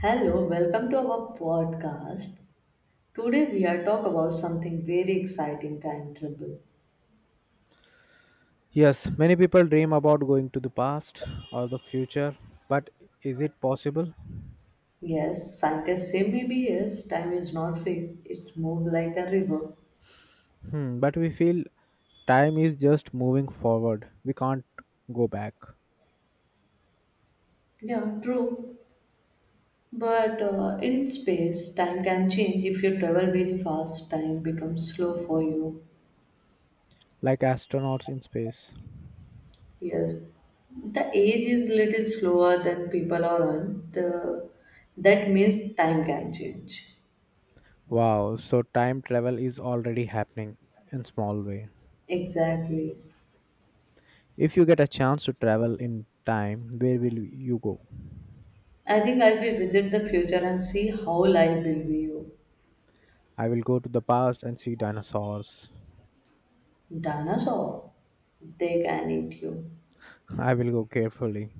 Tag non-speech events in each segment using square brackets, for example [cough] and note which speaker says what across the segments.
Speaker 1: Hello, welcome to our podcast. Today we are talk about something very exciting, time travel.
Speaker 2: Yes, many people dream about going to the past or the future, but is it possible?
Speaker 1: Yes, scientists say maybe yes, time is not fixed. It's moved like a river.
Speaker 2: Hmm, but we feel time is just moving forward. We can't go back,
Speaker 1: Yeah, true. But in space, time can change. If you travel very fast, time becomes slow for you.
Speaker 2: like astronauts in space.
Speaker 1: Yes, the age is little slower than people are on. The that means time can change.
Speaker 2: Wow, so time travel is already happening in small way.
Speaker 1: Exactly.
Speaker 2: If you get a chance to travel in time, where will you go?
Speaker 1: I think I will visit the future and see how life will be you.
Speaker 2: I will go to the past and see dinosaurs.
Speaker 1: Dinosaur, they can eat you.
Speaker 2: [laughs] I will go carefully.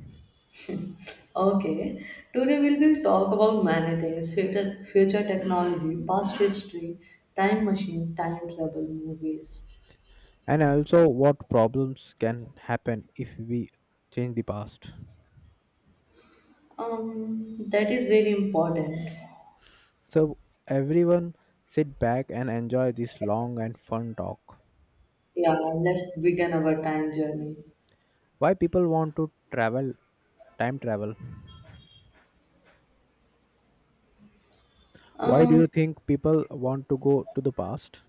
Speaker 1: Okay, today we will talk about many things future technology, past history, time machine, time travel, movies.
Speaker 2: And also what problems can happen if we change the past?
Speaker 1: That is very important.
Speaker 2: So everyone sit back and enjoy this long and fun talk.
Speaker 1: Yeah, let's begin our time journey.
Speaker 2: Why people want to travel, time travel? Why do
Speaker 1: Um,
Speaker 2: you think people want to go to the past?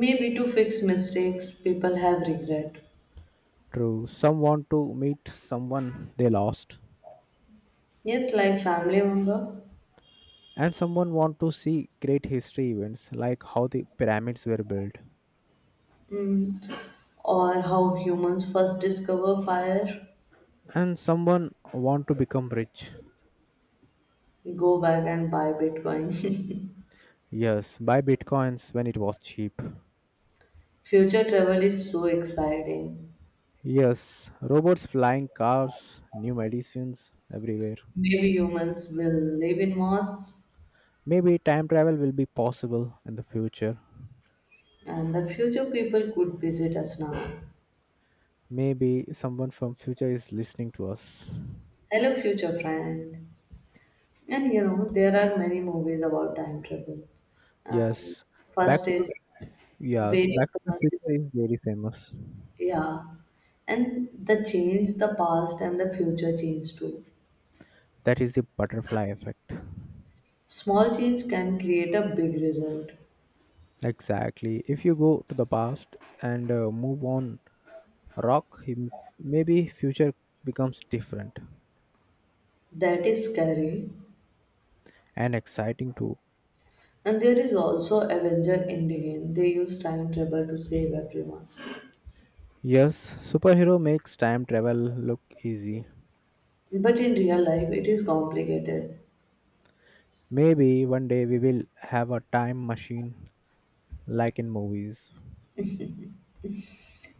Speaker 1: maybe to fix mistakes people have regret.
Speaker 2: True, some want to meet someone they lost,
Speaker 1: Yes, like family member.
Speaker 2: and someone want to see great history events like how the pyramids were built,
Speaker 1: Mm. Or how humans first discover fire,
Speaker 2: and someone want to become rich.
Speaker 1: go back and buy Bitcoin. [laughs]
Speaker 2: Yes, buy bitcoins when it was cheap.
Speaker 1: Future travel is so exciting.
Speaker 2: Yes, robots flying cars, new medicines everywhere.
Speaker 1: Maybe humans will live in Mars
Speaker 2: Maybe time travel will be possible in the future.
Speaker 1: and the future people could visit us now.
Speaker 2: Maybe someone from future is listening to us.
Speaker 1: Hello, future friend. And there are many movies about time travel. And
Speaker 2: Yes. Back
Speaker 1: first
Speaker 2: to the
Speaker 1: is
Speaker 2: yes,
Speaker 1: very
Speaker 2: Back to the
Speaker 1: famous,
Speaker 2: Future is very famous.
Speaker 1: yeah. And the change, the past and the future change too.
Speaker 2: That is the butterfly effect.
Speaker 1: Small change can create a big result.
Speaker 2: Exactly. If you go to the past and move on rock, him- maybe future becomes different
Speaker 1: That is scary.
Speaker 2: and exciting too.
Speaker 1: And there is also Avenger Endgame. They use time travel to save everyone.
Speaker 2: Yes, superhero makes time travel look easy.
Speaker 1: But in real life, it is complicated.
Speaker 2: Maybe one day we will have a time machine like in movies.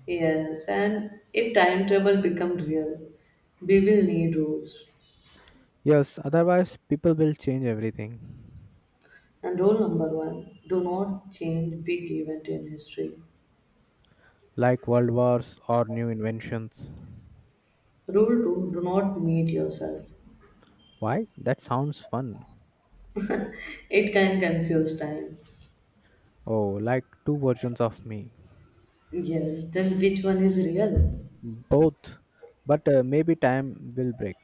Speaker 1: Yes, and if time travel becomes real, we will need rules.
Speaker 2: Yes, otherwise, people will change everything,
Speaker 1: And rule number one do not change big event in history.
Speaker 2: like world wars or new inventions.
Speaker 1: Rule two do not meet yourself.
Speaker 2: Why? That sounds fun.
Speaker 1: It can confuse time.
Speaker 2: Oh, like two versions of me.
Speaker 1: Yes, then which one is real?
Speaker 2: Both. But maybe time will break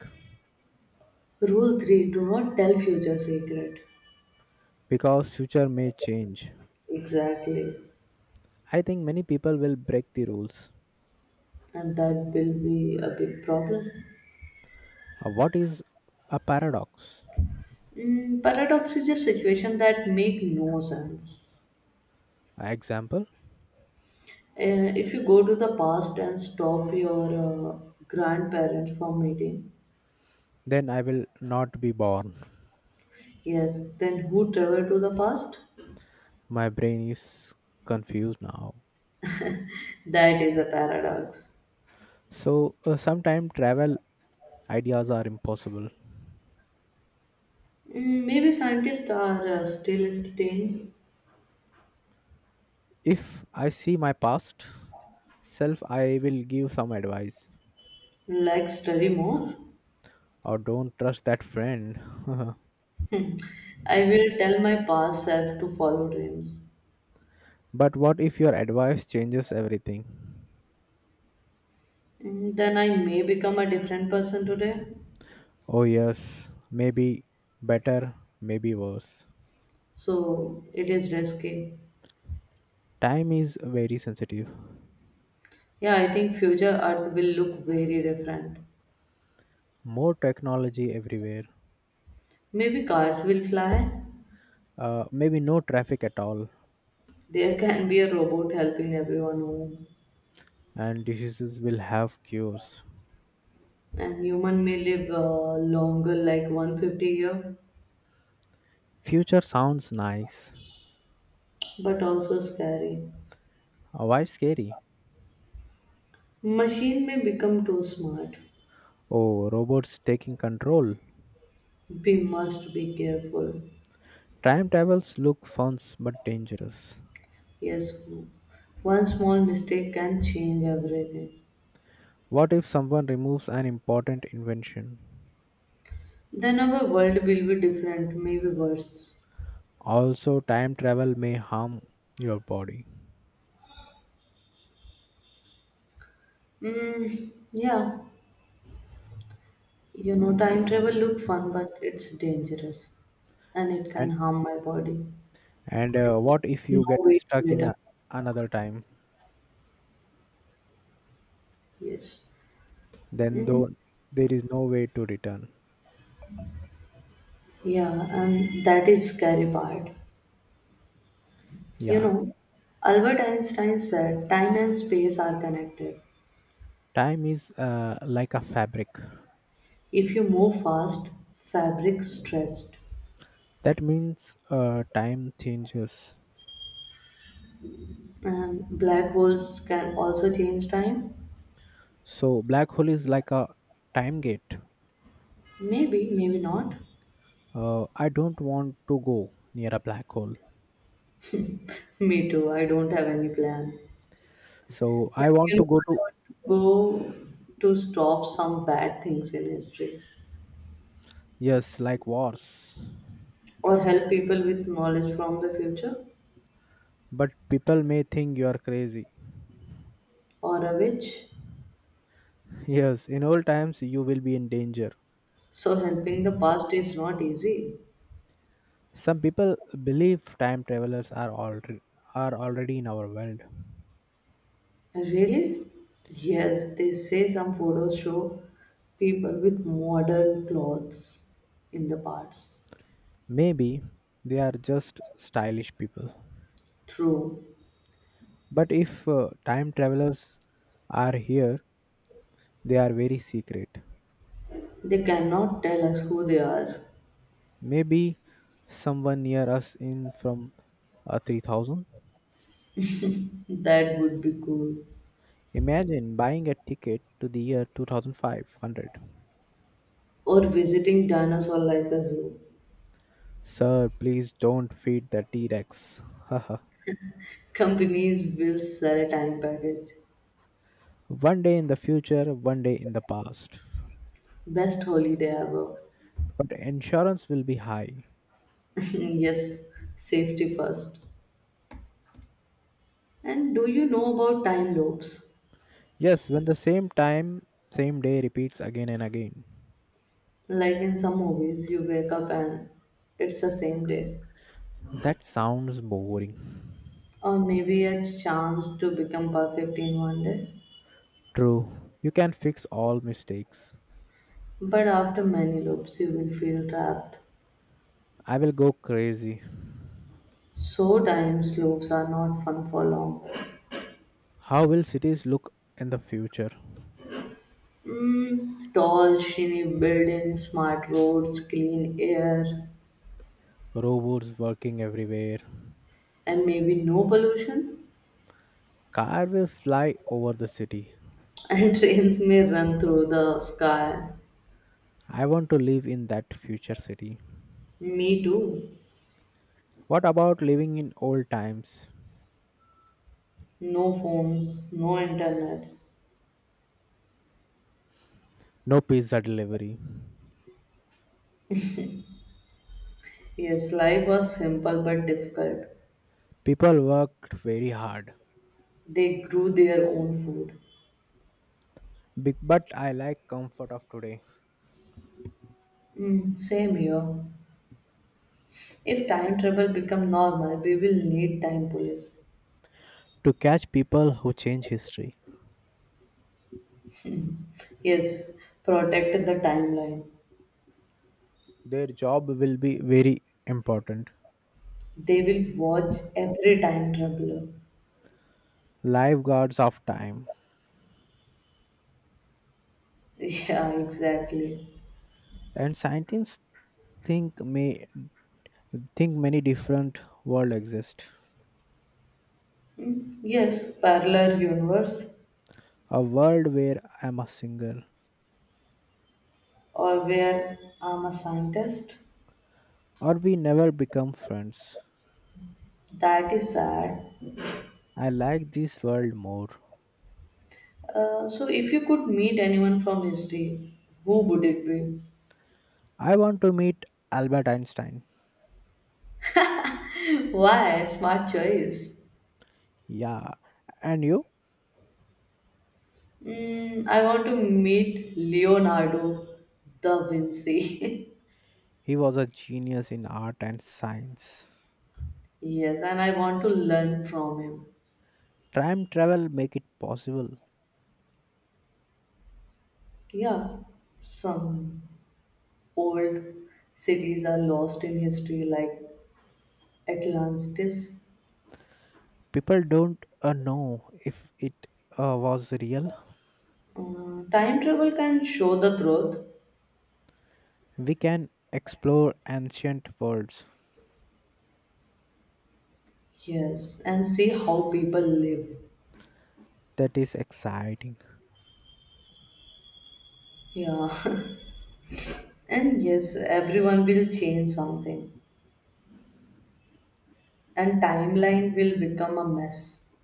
Speaker 1: Rule 3. Do not tell future secret.
Speaker 2: because future may change.
Speaker 1: Exactly.
Speaker 2: I think many people will break the rules.
Speaker 1: And that will be a big problem.
Speaker 2: What is a paradox?
Speaker 1: Paradox is a situation that make no sense.
Speaker 2: Example?
Speaker 1: If you go to the past and stop your uh, grandparents from meeting,
Speaker 2: Then I will not be born.
Speaker 1: yes, then who travel to the past?
Speaker 2: My brain is confused now.
Speaker 1: That is a paradox.
Speaker 2: So sometime travel ideas are impossible.
Speaker 1: Maybe scientists are still studying,
Speaker 2: If I see my past self, I will give some advice
Speaker 1: like study more.
Speaker 2: or don't trust that friend. [laughs]
Speaker 1: I will tell my past self to follow dreams.
Speaker 2: But what if your advice changes everything?
Speaker 1: Then I may become a different person today.
Speaker 2: Oh, yes, maybe better, maybe worse.
Speaker 1: So it is risky.
Speaker 2: Time is very sensitive.
Speaker 1: Yeah, I think future Earth will look very different.
Speaker 2: More technology everywhere.
Speaker 1: Maybe cars will fly.
Speaker 2: Maybe no traffic at all,
Speaker 1: There [laughs] can be a robot helping everyone home.
Speaker 2: and diseases will have cures.
Speaker 1: And human may live longer, like 150 year,
Speaker 2: Future sounds nice.
Speaker 1: but also scary.
Speaker 2: Why scary?
Speaker 1: Machine may become too smart.
Speaker 2: Oh, robots taking control.
Speaker 1: We must be careful.
Speaker 2: Time travels look fun but dangerous.
Speaker 1: Yes, one small mistake can change everything.
Speaker 2: What if someone removes an important invention?
Speaker 1: Then our world will be different, maybe worse.
Speaker 2: Also, time travel may harm your body.
Speaker 1: Yeah, time travel look fun, but it's dangerous, and it can
Speaker 2: And
Speaker 1: harm my body.
Speaker 2: and what if
Speaker 1: No
Speaker 2: you get
Speaker 1: way to
Speaker 2: stuck
Speaker 1: get
Speaker 2: in
Speaker 1: up.
Speaker 2: a, another time?
Speaker 1: Yes.
Speaker 2: Then
Speaker 1: Mm,
Speaker 2: though there is no way to return.
Speaker 1: yeah, and that is scary part. You
Speaker 2: Yeah,
Speaker 1: know, Albert Einstein said time and space are connected.
Speaker 2: time is like a fabric.
Speaker 1: If you move fast, fabric stretched.
Speaker 2: That means time changes.
Speaker 1: And black holes can also change time.
Speaker 2: So black hole is like a time gate.
Speaker 1: Maybe, maybe not.
Speaker 2: I don't want to go near a black hole.
Speaker 1: [laughs] Me too. I don't have any plan.
Speaker 2: So
Speaker 1: But
Speaker 2: I want to go
Speaker 1: I
Speaker 2: to
Speaker 1: want to go to stop some bad things in history
Speaker 2: yes, like wars.
Speaker 1: or help people with knowledge from the future
Speaker 2: But people may think you are crazy.
Speaker 1: or a witch.
Speaker 2: Yes, in old times you will be in danger.
Speaker 1: So helping the past is not easy.
Speaker 2: Some people believe time travelers are already in our world.
Speaker 1: Really? Yes, they say some photos show people with modern clothes in the past.
Speaker 2: Maybe they are just stylish people.
Speaker 1: True.
Speaker 2: But if time travelers are here, they are very secret.
Speaker 1: They cannot tell us who they are.
Speaker 2: Maybe someone near us in from 3000.
Speaker 1: That would be cool.
Speaker 2: Imagine buying a ticket to the year 2500.
Speaker 1: Or visiting dinosaur like a zoo.
Speaker 2: Sir, please don't feed the T-Rex. [laughs]
Speaker 1: Companies will sell a time package.
Speaker 2: One day in the future, one day in the past.
Speaker 1: Best holiday ever.
Speaker 2: But insurance will be high.
Speaker 1: [laughs] Yes, safety first. And do you know about time loops?
Speaker 2: Yes, when the same time, same day repeats again and again.
Speaker 1: Like in some movies, you wake up and it's the same day.
Speaker 2: That sounds boring.
Speaker 1: Or maybe a chance to become perfect in one day.
Speaker 2: True, you can fix all mistakes.
Speaker 1: But after many loops, you will feel trapped.
Speaker 2: I will go crazy.
Speaker 1: So, time loops are not fun for long.
Speaker 2: How will cities look in the future?
Speaker 1: Tall, shiny buildings, smart roads, clean air,
Speaker 2: Robots working everywhere.
Speaker 1: and maybe no pollution.
Speaker 2: Car will fly over the city.
Speaker 1: [laughs] And trains may run through the sky.
Speaker 2: I want to live in that future city.
Speaker 1: Me too.
Speaker 2: What about living in old times?
Speaker 1: No phones, no internet.
Speaker 2: No pizza delivery.
Speaker 1: Yes, life was simple but difficult.
Speaker 2: People worked very hard.
Speaker 1: They grew their own food.
Speaker 2: Big but I like comfort of today.
Speaker 1: Mm, same here. If time travel become normal, we will need time police.
Speaker 2: To catch people who change history.
Speaker 1: Yes, protect the timeline.
Speaker 2: Their job will be very important.
Speaker 1: They will watch every time traveler. [laughs]
Speaker 2: Lifeguards of time.
Speaker 1: Yeah, exactly.
Speaker 2: And scientists think may think many different world exist.
Speaker 1: Yes, parallel universe
Speaker 2: A world where I'm a single
Speaker 1: or where I'm a scientist.
Speaker 2: or we never become friends.
Speaker 1: That is sad.
Speaker 2: I like this world more.
Speaker 1: So if you could meet anyone from history, who would it be?
Speaker 2: I want to meet Albert Einstein.
Speaker 1: [laughs] Why? Smart choice.
Speaker 2: Yeah. And you?
Speaker 1: I want to meet Leonardo da Vinci.
Speaker 2: He was a genius in art and science.
Speaker 1: [laughs] Yes, and I want to learn from him.
Speaker 2: Time travel make it possible.
Speaker 1: Yeah, some old cities are lost in history, like Atlantis.
Speaker 2: People don't know if it was real.
Speaker 1: Time travel can show the truth.
Speaker 2: We can explore ancient worlds.
Speaker 1: Yes, and see how people live.
Speaker 2: That is exciting.
Speaker 1: Yeah. [laughs] And yes, everyone will change something and timeline will become a mess.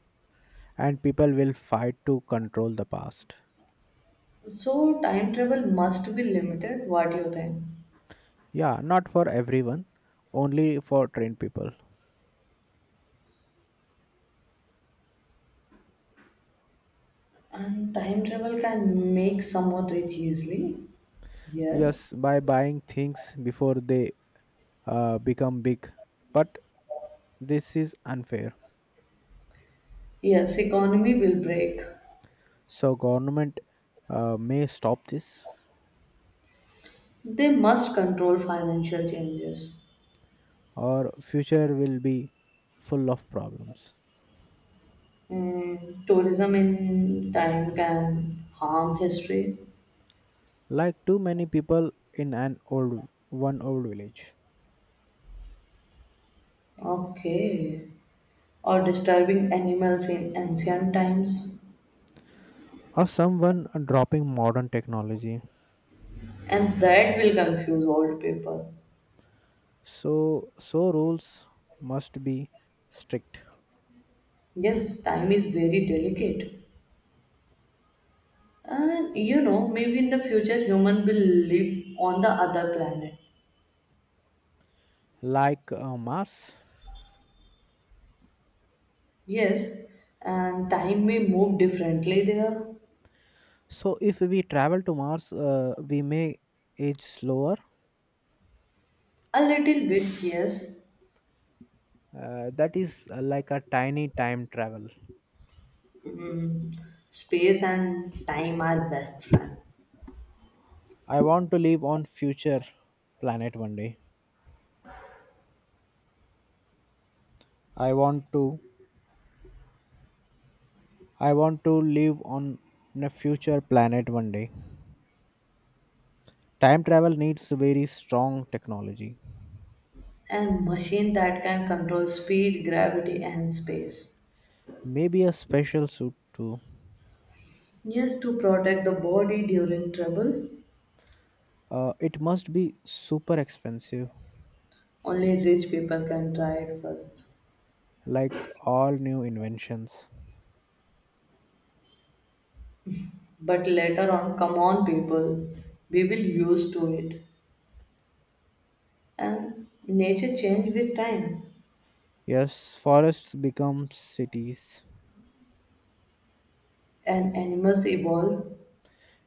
Speaker 2: And people will fight to control the past.
Speaker 1: So time travel must be limited, what do you think?
Speaker 2: Yeah, not for everyone, only for trained people.
Speaker 1: And time travel can make someone rich easily. Yes.
Speaker 2: Yes, by buying things before they become big. But this is unfair,
Speaker 1: Yes, economy will break.
Speaker 2: so government may stop this,
Speaker 1: They must control financial changes.
Speaker 2: or future will be full of problems.
Speaker 1: Tourism in time can harm history.
Speaker 2: Like too many people in an old one old village,
Speaker 1: Okay. Or disturbing animals in ancient times.
Speaker 2: or someone dropping modern technology.
Speaker 1: And that will confuse old people.
Speaker 2: So so rules must be strict.
Speaker 1: Yes, time is very delicate, and maybe in the future human will live on the other planet.
Speaker 2: Like Mars.
Speaker 1: Yes, and time may move differently there.
Speaker 2: So if we travel to Mars, we may age slower.
Speaker 1: A little bit, yes.
Speaker 2: That is like a tiny time travel.
Speaker 1: Mm, space and time are best friend,
Speaker 2: I want to live on future planet one day. I want to i want to live on a future planet one day. Time travel needs very strong technology,
Speaker 1: and machine that can control speed, gravity, and space.
Speaker 2: maybe a special suit too.
Speaker 1: Yes, to protect the body during trouble,
Speaker 2: It must be super expensive,
Speaker 1: only rich people can try it first.
Speaker 2: like all new inventions.
Speaker 1: But later on come on people, we will used to it, and nature change with time,
Speaker 2: Yes, forests become cities.
Speaker 1: and animals evolve,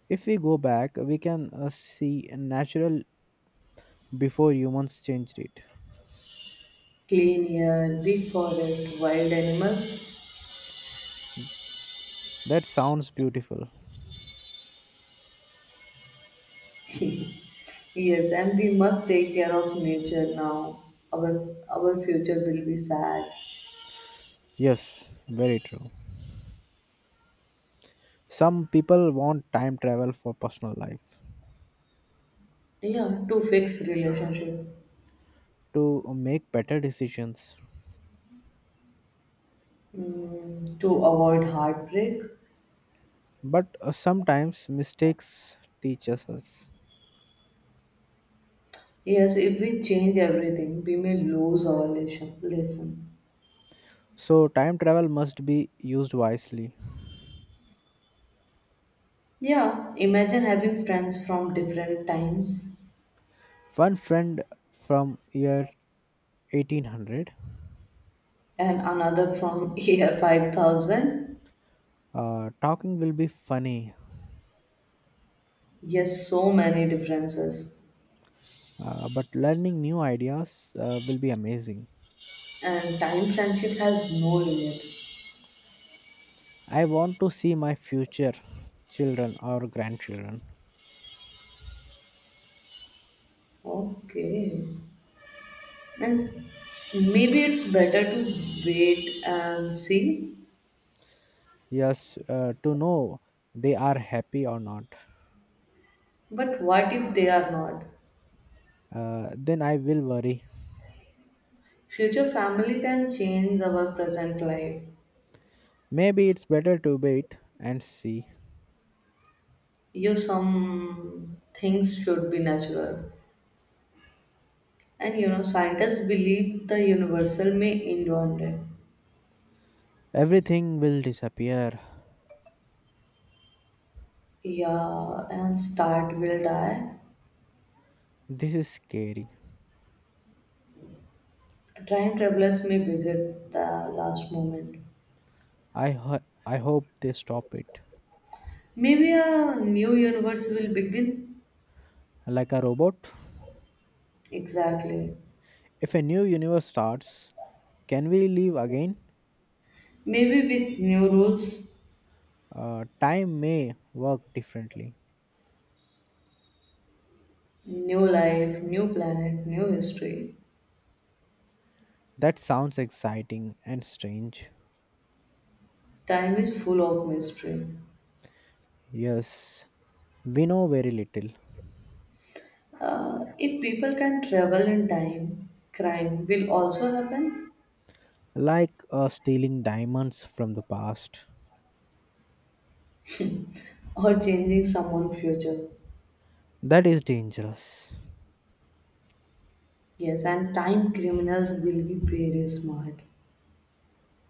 Speaker 2: If we go back, we can see natural before humans changed it.
Speaker 1: clean air, big forest, wild animals.
Speaker 2: That sounds beautiful.
Speaker 1: [laughs] Yes, and we must take care of nature now, our our future will be sad.
Speaker 2: Yes, very true. Some people want time travel for personal life
Speaker 1: Yeah, to fix relationship.
Speaker 2: to make better decisions,
Speaker 1: To avoid heartbreak.
Speaker 2: but sometimes mistakes teaches us.
Speaker 1: Yes, if we change everything, we may lose our lesson.
Speaker 2: So time travel must be used wisely.
Speaker 1: Yeah, imagine having friends from different times
Speaker 2: One friend from year 1800.
Speaker 1: and another from [laughs] year 5000.
Speaker 2: Talking will be funny,
Speaker 1: Yes, so many differences.
Speaker 2: but learning new ideas will be amazing.
Speaker 1: And time friendship has no limit.
Speaker 2: I want to see my future children or grandchildren.
Speaker 1: Okay. And maybe it's better to wait and see.
Speaker 2: Yes, to know they are happy or not.
Speaker 1: But what if they are not?
Speaker 2: Then I will worry.
Speaker 1: Future family can change our present life.
Speaker 2: Maybe it's better to wait and see.
Speaker 1: You some things should be natural. And scientists believe the universal may end one day.
Speaker 2: Everything will disappear.
Speaker 1: Yeah, and start will die.
Speaker 2: This is scary.
Speaker 1: Time travelers may visit the last moment.
Speaker 2: I hope they stop it.
Speaker 1: Maybe a new universe will begin.
Speaker 2: Like a robot.
Speaker 1: Exactly.
Speaker 2: If a new universe starts, can we live again?
Speaker 1: Maybe with new rules,
Speaker 2: Time may work differently.
Speaker 1: new life, new planet, new history.
Speaker 2: That sounds exciting and strange.
Speaker 1: Time is full of mystery.
Speaker 2: Yes, we know very little.
Speaker 1: If people can travel in time, crime will also happen.
Speaker 2: Like stealing diamonds from the past.
Speaker 1: [laughs] Or changing someone's future.
Speaker 2: That is dangerous.
Speaker 1: Yes, and time criminals will be very smart.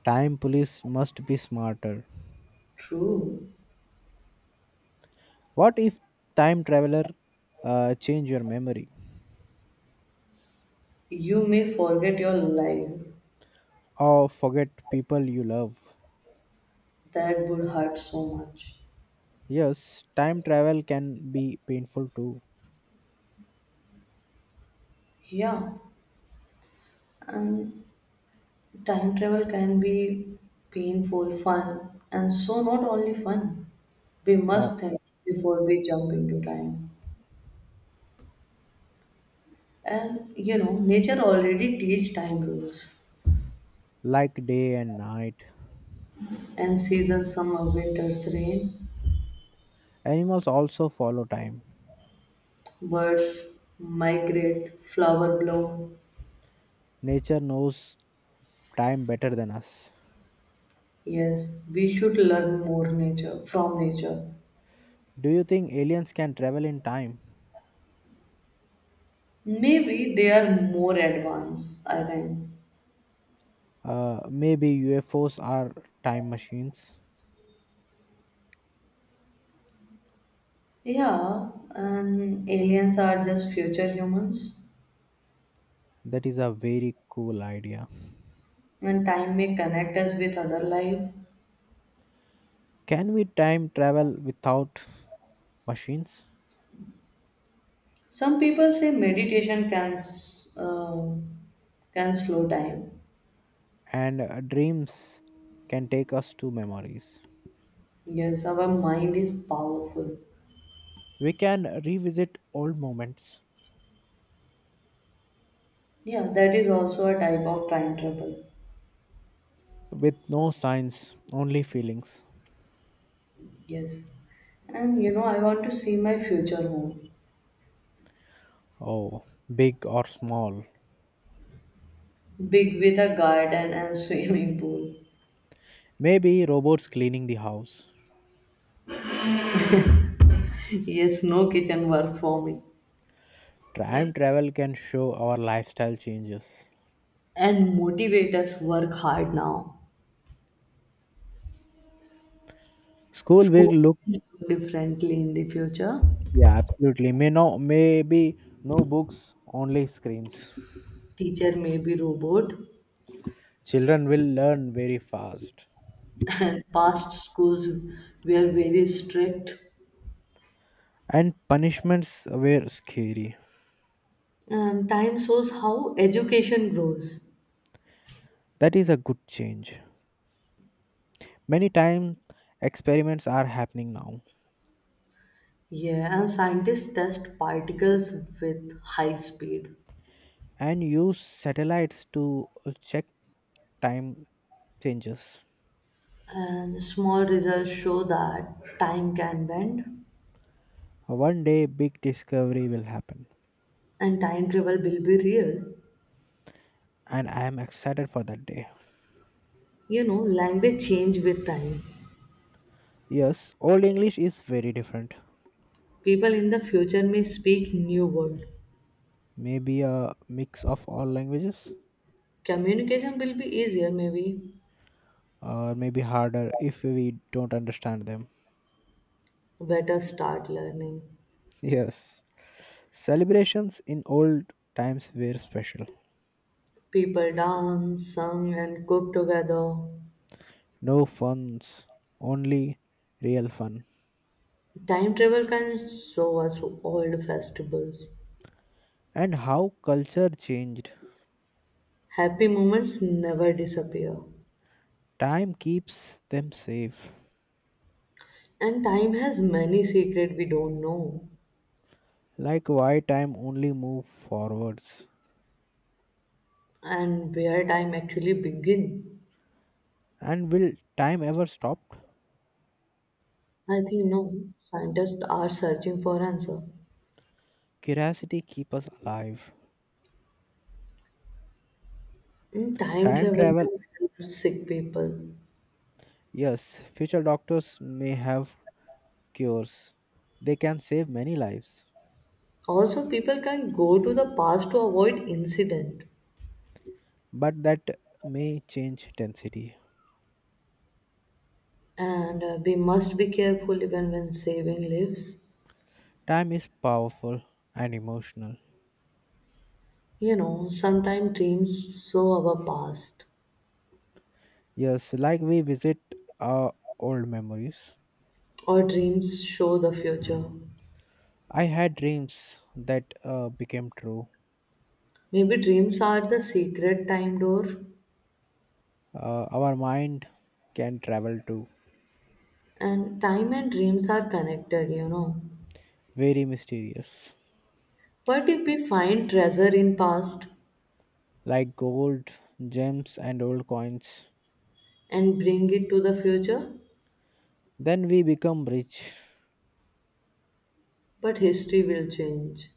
Speaker 2: Time police must be smarter.
Speaker 1: True.
Speaker 2: What if time traveler change your memory
Speaker 1: You may forget your life.
Speaker 2: or forget people you love?
Speaker 1: That would hurt so much.
Speaker 2: Yes, time travel can be painful too.
Speaker 1: Yeah, and time travel can be painful, fun, and so not only fun. We
Speaker 2: Uh,
Speaker 1: must think before we jump into time. And nature already teach time rules
Speaker 2: like day and night.
Speaker 1: and seasons summer, winters, rain,
Speaker 2: Animals also follow time.
Speaker 1: birds migrate, flower bloom.
Speaker 2: Nature knows time better than us.
Speaker 1: Yes, we should learn more nature from nature.
Speaker 2: Do you think aliens can travel in time?
Speaker 1: Maybe they are more advanced, I think.
Speaker 2: Maybe UFOs are time machines.
Speaker 1: Yeah, and aliens are just future humans,
Speaker 2: That is a very cool idea.
Speaker 1: and time may connect us with other life.
Speaker 2: Can we time travel without machines?
Speaker 1: Some people say meditation can slow time.
Speaker 2: And dreams can take us to memories.
Speaker 1: Yes, our mind is powerful.
Speaker 2: We can revisit old moments
Speaker 1: Yeah, that is also a type of time travel.
Speaker 2: with no signs, only feelings.
Speaker 1: Yes, and I want to see my future home,
Speaker 2: Oh, big or small,
Speaker 1: big with a garden and [laughs] swimming pool.
Speaker 2: maybe robots cleaning the house.
Speaker 1: Yes, no kitchen work for me.
Speaker 2: Time travel can show our lifestyle changes.
Speaker 1: And motivators work hard now.
Speaker 2: School will
Speaker 1: School
Speaker 2: look,
Speaker 1: may look differently in the future.
Speaker 2: yeah, absolutely. Maybe no books, only screens.
Speaker 1: Teacher may be robot,
Speaker 2: Children will learn very fast.
Speaker 1: and past schools were very strict.
Speaker 2: And punishments were scary.
Speaker 1: And time shows how education grows.
Speaker 2: That is a good change. Many times experiments are happening now
Speaker 1: Yeah, and scientists test particles with high speed.
Speaker 2: and use satellites to check time changes.
Speaker 1: And small results show that time can bend
Speaker 2: One day, big discovery will happen,
Speaker 1: and time travel will be real.
Speaker 2: and I am excited for that day.
Speaker 1: Language change with time.
Speaker 2: Yes, Old English is very different.
Speaker 1: People in the future may speak new word.
Speaker 2: Maybe a mix of all languages,
Speaker 1: Communication will be easier maybe.
Speaker 2: or maybe harder if we don't understand them.
Speaker 1: Better start learning.
Speaker 2: Yes, celebrations in old times were special.
Speaker 1: People dance, sung, and cook together.
Speaker 2: No funs, only real fun.
Speaker 1: Time travel can show us old festivals.
Speaker 2: And how culture changed.
Speaker 1: Happy moments never disappear.
Speaker 2: Time keeps them safe.
Speaker 1: And time has many secrets we don't know.
Speaker 2: Like why time only move forwards.
Speaker 1: And where time actually begin.
Speaker 2: And will time ever stop?
Speaker 1: I think no. Scientists are searching for answer.
Speaker 2: Curiosity keep us alive.
Speaker 1: And time
Speaker 2: Time
Speaker 1: travel
Speaker 2: travel
Speaker 1: can help sick people.
Speaker 2: Yes, future doctors may have cures. They can save many lives,
Speaker 1: Also, people can go to the past to avoid incident.
Speaker 2: but that may change intensity.
Speaker 1: And we must be careful even when saving lives.
Speaker 2: Time is powerful and emotional.
Speaker 1: Sometimes dreams show our past,
Speaker 2: Yes, like we visit our old memories.
Speaker 1: or dreams show the future.
Speaker 2: I had dreams that became true.
Speaker 1: Maybe dreams are the secret time door,
Speaker 2: Our mind can travel too.
Speaker 1: and time and dreams are connected.
Speaker 2: Very mysterious,
Speaker 1: What if we find treasure in past
Speaker 2: like gold, gems, and old coins.
Speaker 1: and bring it to the future?
Speaker 2: Then we become rich.
Speaker 1: But history will change,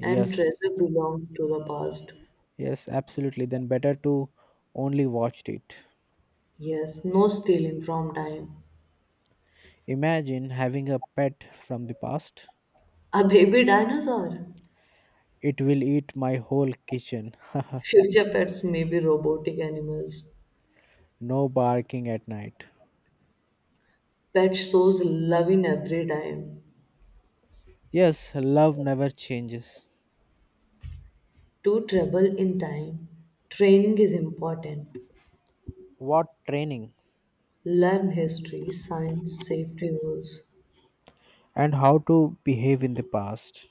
Speaker 1: and treasure belongs to the past.
Speaker 2: Yes, absolutely. Then better to only watched it.
Speaker 1: Yes, no stealing from time.
Speaker 2: Imagine having a pet from the past.
Speaker 1: A baby dinosaur.
Speaker 2: It will eat my whole kitchen. [laughs]
Speaker 1: Future pets may be robotic animals.
Speaker 2: No barking at night.
Speaker 1: Pet shows love in every time.
Speaker 2: Yes, love never changes.
Speaker 1: To travel in time, training is important.
Speaker 2: What training
Speaker 1: Learn history, science, safety rules,
Speaker 2: and how to behave in the past.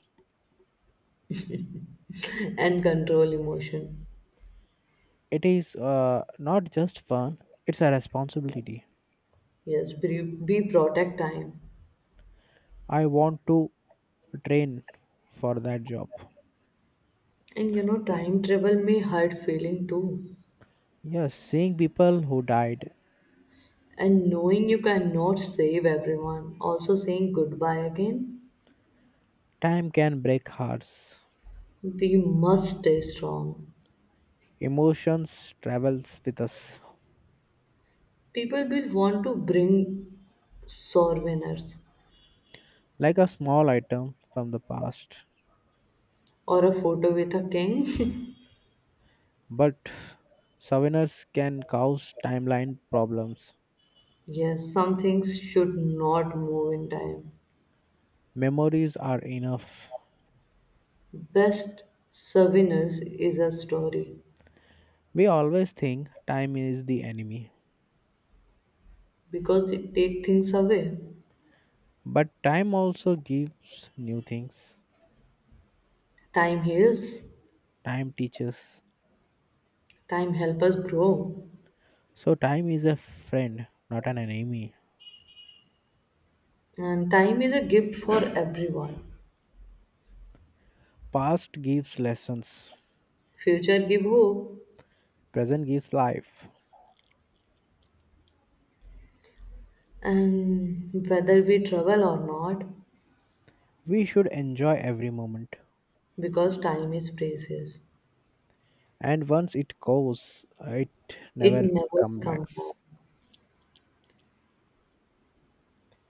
Speaker 1: [laughs] and control emotion.
Speaker 2: It is not just fun, it's a responsibility.
Speaker 1: Yes, be protect time.
Speaker 2: I want to train for that job.
Speaker 1: And time travel may hurt feeling too.
Speaker 2: Yes, seeing people who died,
Speaker 1: And knowing you cannot save everyone, also saying goodbye again,
Speaker 2: time can break hearts.
Speaker 1: we must stay strong.
Speaker 2: Emotions travels with us
Speaker 1: People will want to bring souvenirs.
Speaker 2: like a small item from the past.
Speaker 1: Or a photo with a king?
Speaker 2: But souvenirs can cause timeline problems.
Speaker 1: [laughs] Yes, some things should not move in time.
Speaker 2: Memories are enough.
Speaker 1: Best souvenirs is a story
Speaker 2: We always think time is the enemy,
Speaker 1: because it takes things away.
Speaker 2: but time also gives new things.
Speaker 1: Time heals,
Speaker 2: Time teaches.
Speaker 1: time helps us grow,
Speaker 2: So time is a friend, not an enemy.
Speaker 1: and time is a gift for everyone.
Speaker 2: Past gives lessons,
Speaker 1: Future give hope,
Speaker 2: present gives life.
Speaker 1: and whether we travel or not,
Speaker 2: We should enjoy every moment.
Speaker 1: because time is precious,
Speaker 2: And once it goes it
Speaker 1: it
Speaker 2: never
Speaker 1: never
Speaker 2: comes
Speaker 1: comes
Speaker 2: back.
Speaker 1: back.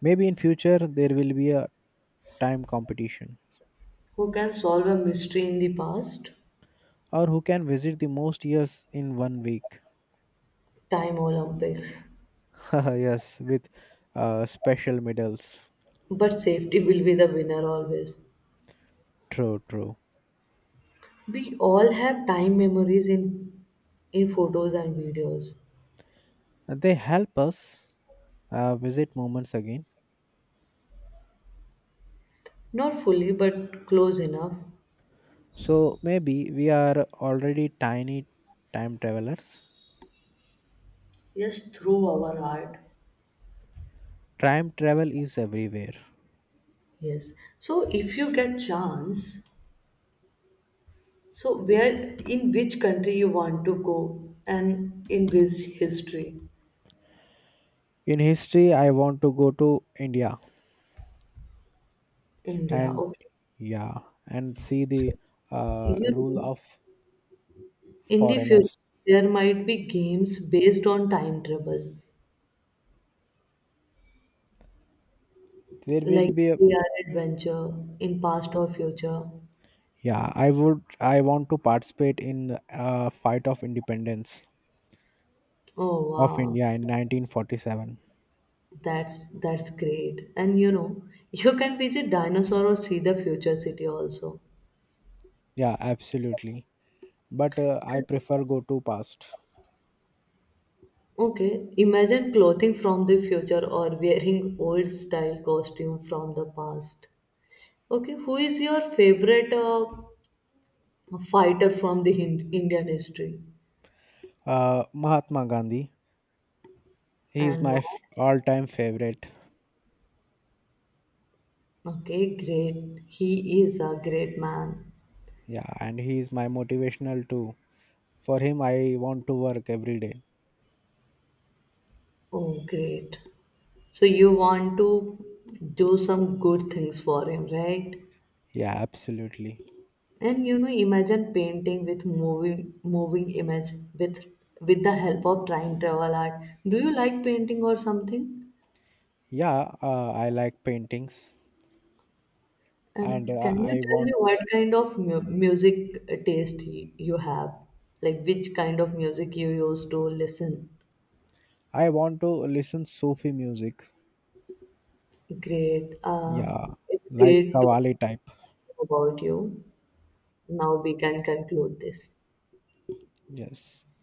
Speaker 2: Maybe in future there will be a time competition,
Speaker 1: Who can solve a mystery in the past?
Speaker 2: or who can visit the most years in one week.
Speaker 1: Time Olympics.
Speaker 2: [laughs] Yes, with special medals.
Speaker 1: But safety will be the winner always.
Speaker 2: True.
Speaker 1: We all have time memories in photos and videos.
Speaker 2: They help us visit moments again.
Speaker 1: Not fully but close enough.
Speaker 2: So maybe we are already tiny time travelers.
Speaker 1: Yes, through our heart.
Speaker 2: Time travel is everywhere.
Speaker 1: Yes. So if you get chance, so where in which country you want to go and in which history?
Speaker 2: In history I want to go to India,
Speaker 1: India.
Speaker 2: and
Speaker 1: Okay.
Speaker 2: yeah, and see the
Speaker 1: So you
Speaker 2: rule
Speaker 1: know,
Speaker 2: of
Speaker 1: in the future
Speaker 2: foreigners.
Speaker 1: there might be games based on time travel,
Speaker 2: There will
Speaker 1: like
Speaker 2: be a
Speaker 1: VR adventure in past or future.
Speaker 2: Yeah, I would, I want to participate in a fight of independence
Speaker 1: Oh
Speaker 2: of
Speaker 1: wow,
Speaker 2: India in 1947.
Speaker 1: that's great. And [laughs] you can visit dinosaur or see the future city also.
Speaker 2: Yeah, absolutely, but I prefer go to past.
Speaker 1: Okay, imagine clothing from the future or wearing old style costume from the past. Okay, who is your favorite fighter from the Indian history
Speaker 2: Mahatma Gandhi, he is
Speaker 1: and
Speaker 2: my
Speaker 1: why?
Speaker 2: all-time favorite.
Speaker 1: Okay, great. He is a great man.
Speaker 2: Yeah, and he is my motivational too. For him I want to work every day.
Speaker 1: Oh, great. So you want to do some good things for him, right?
Speaker 2: Yeah, absolutely.
Speaker 1: And imagine painting with moving image with with the help of time travel art. Do you like painting or something?
Speaker 2: Yeah, I like paintings. And
Speaker 1: Can you
Speaker 2: I
Speaker 1: tell me
Speaker 2: want,
Speaker 1: what kind of music taste you have? Like which kind of music you used to listen?
Speaker 2: I want to listen Sufi music.
Speaker 1: Great. Uh,
Speaker 2: Yeah,
Speaker 1: it's
Speaker 2: like
Speaker 1: great to know
Speaker 2: Kavali type.
Speaker 1: about you. Now we can conclude this.
Speaker 2: Yes,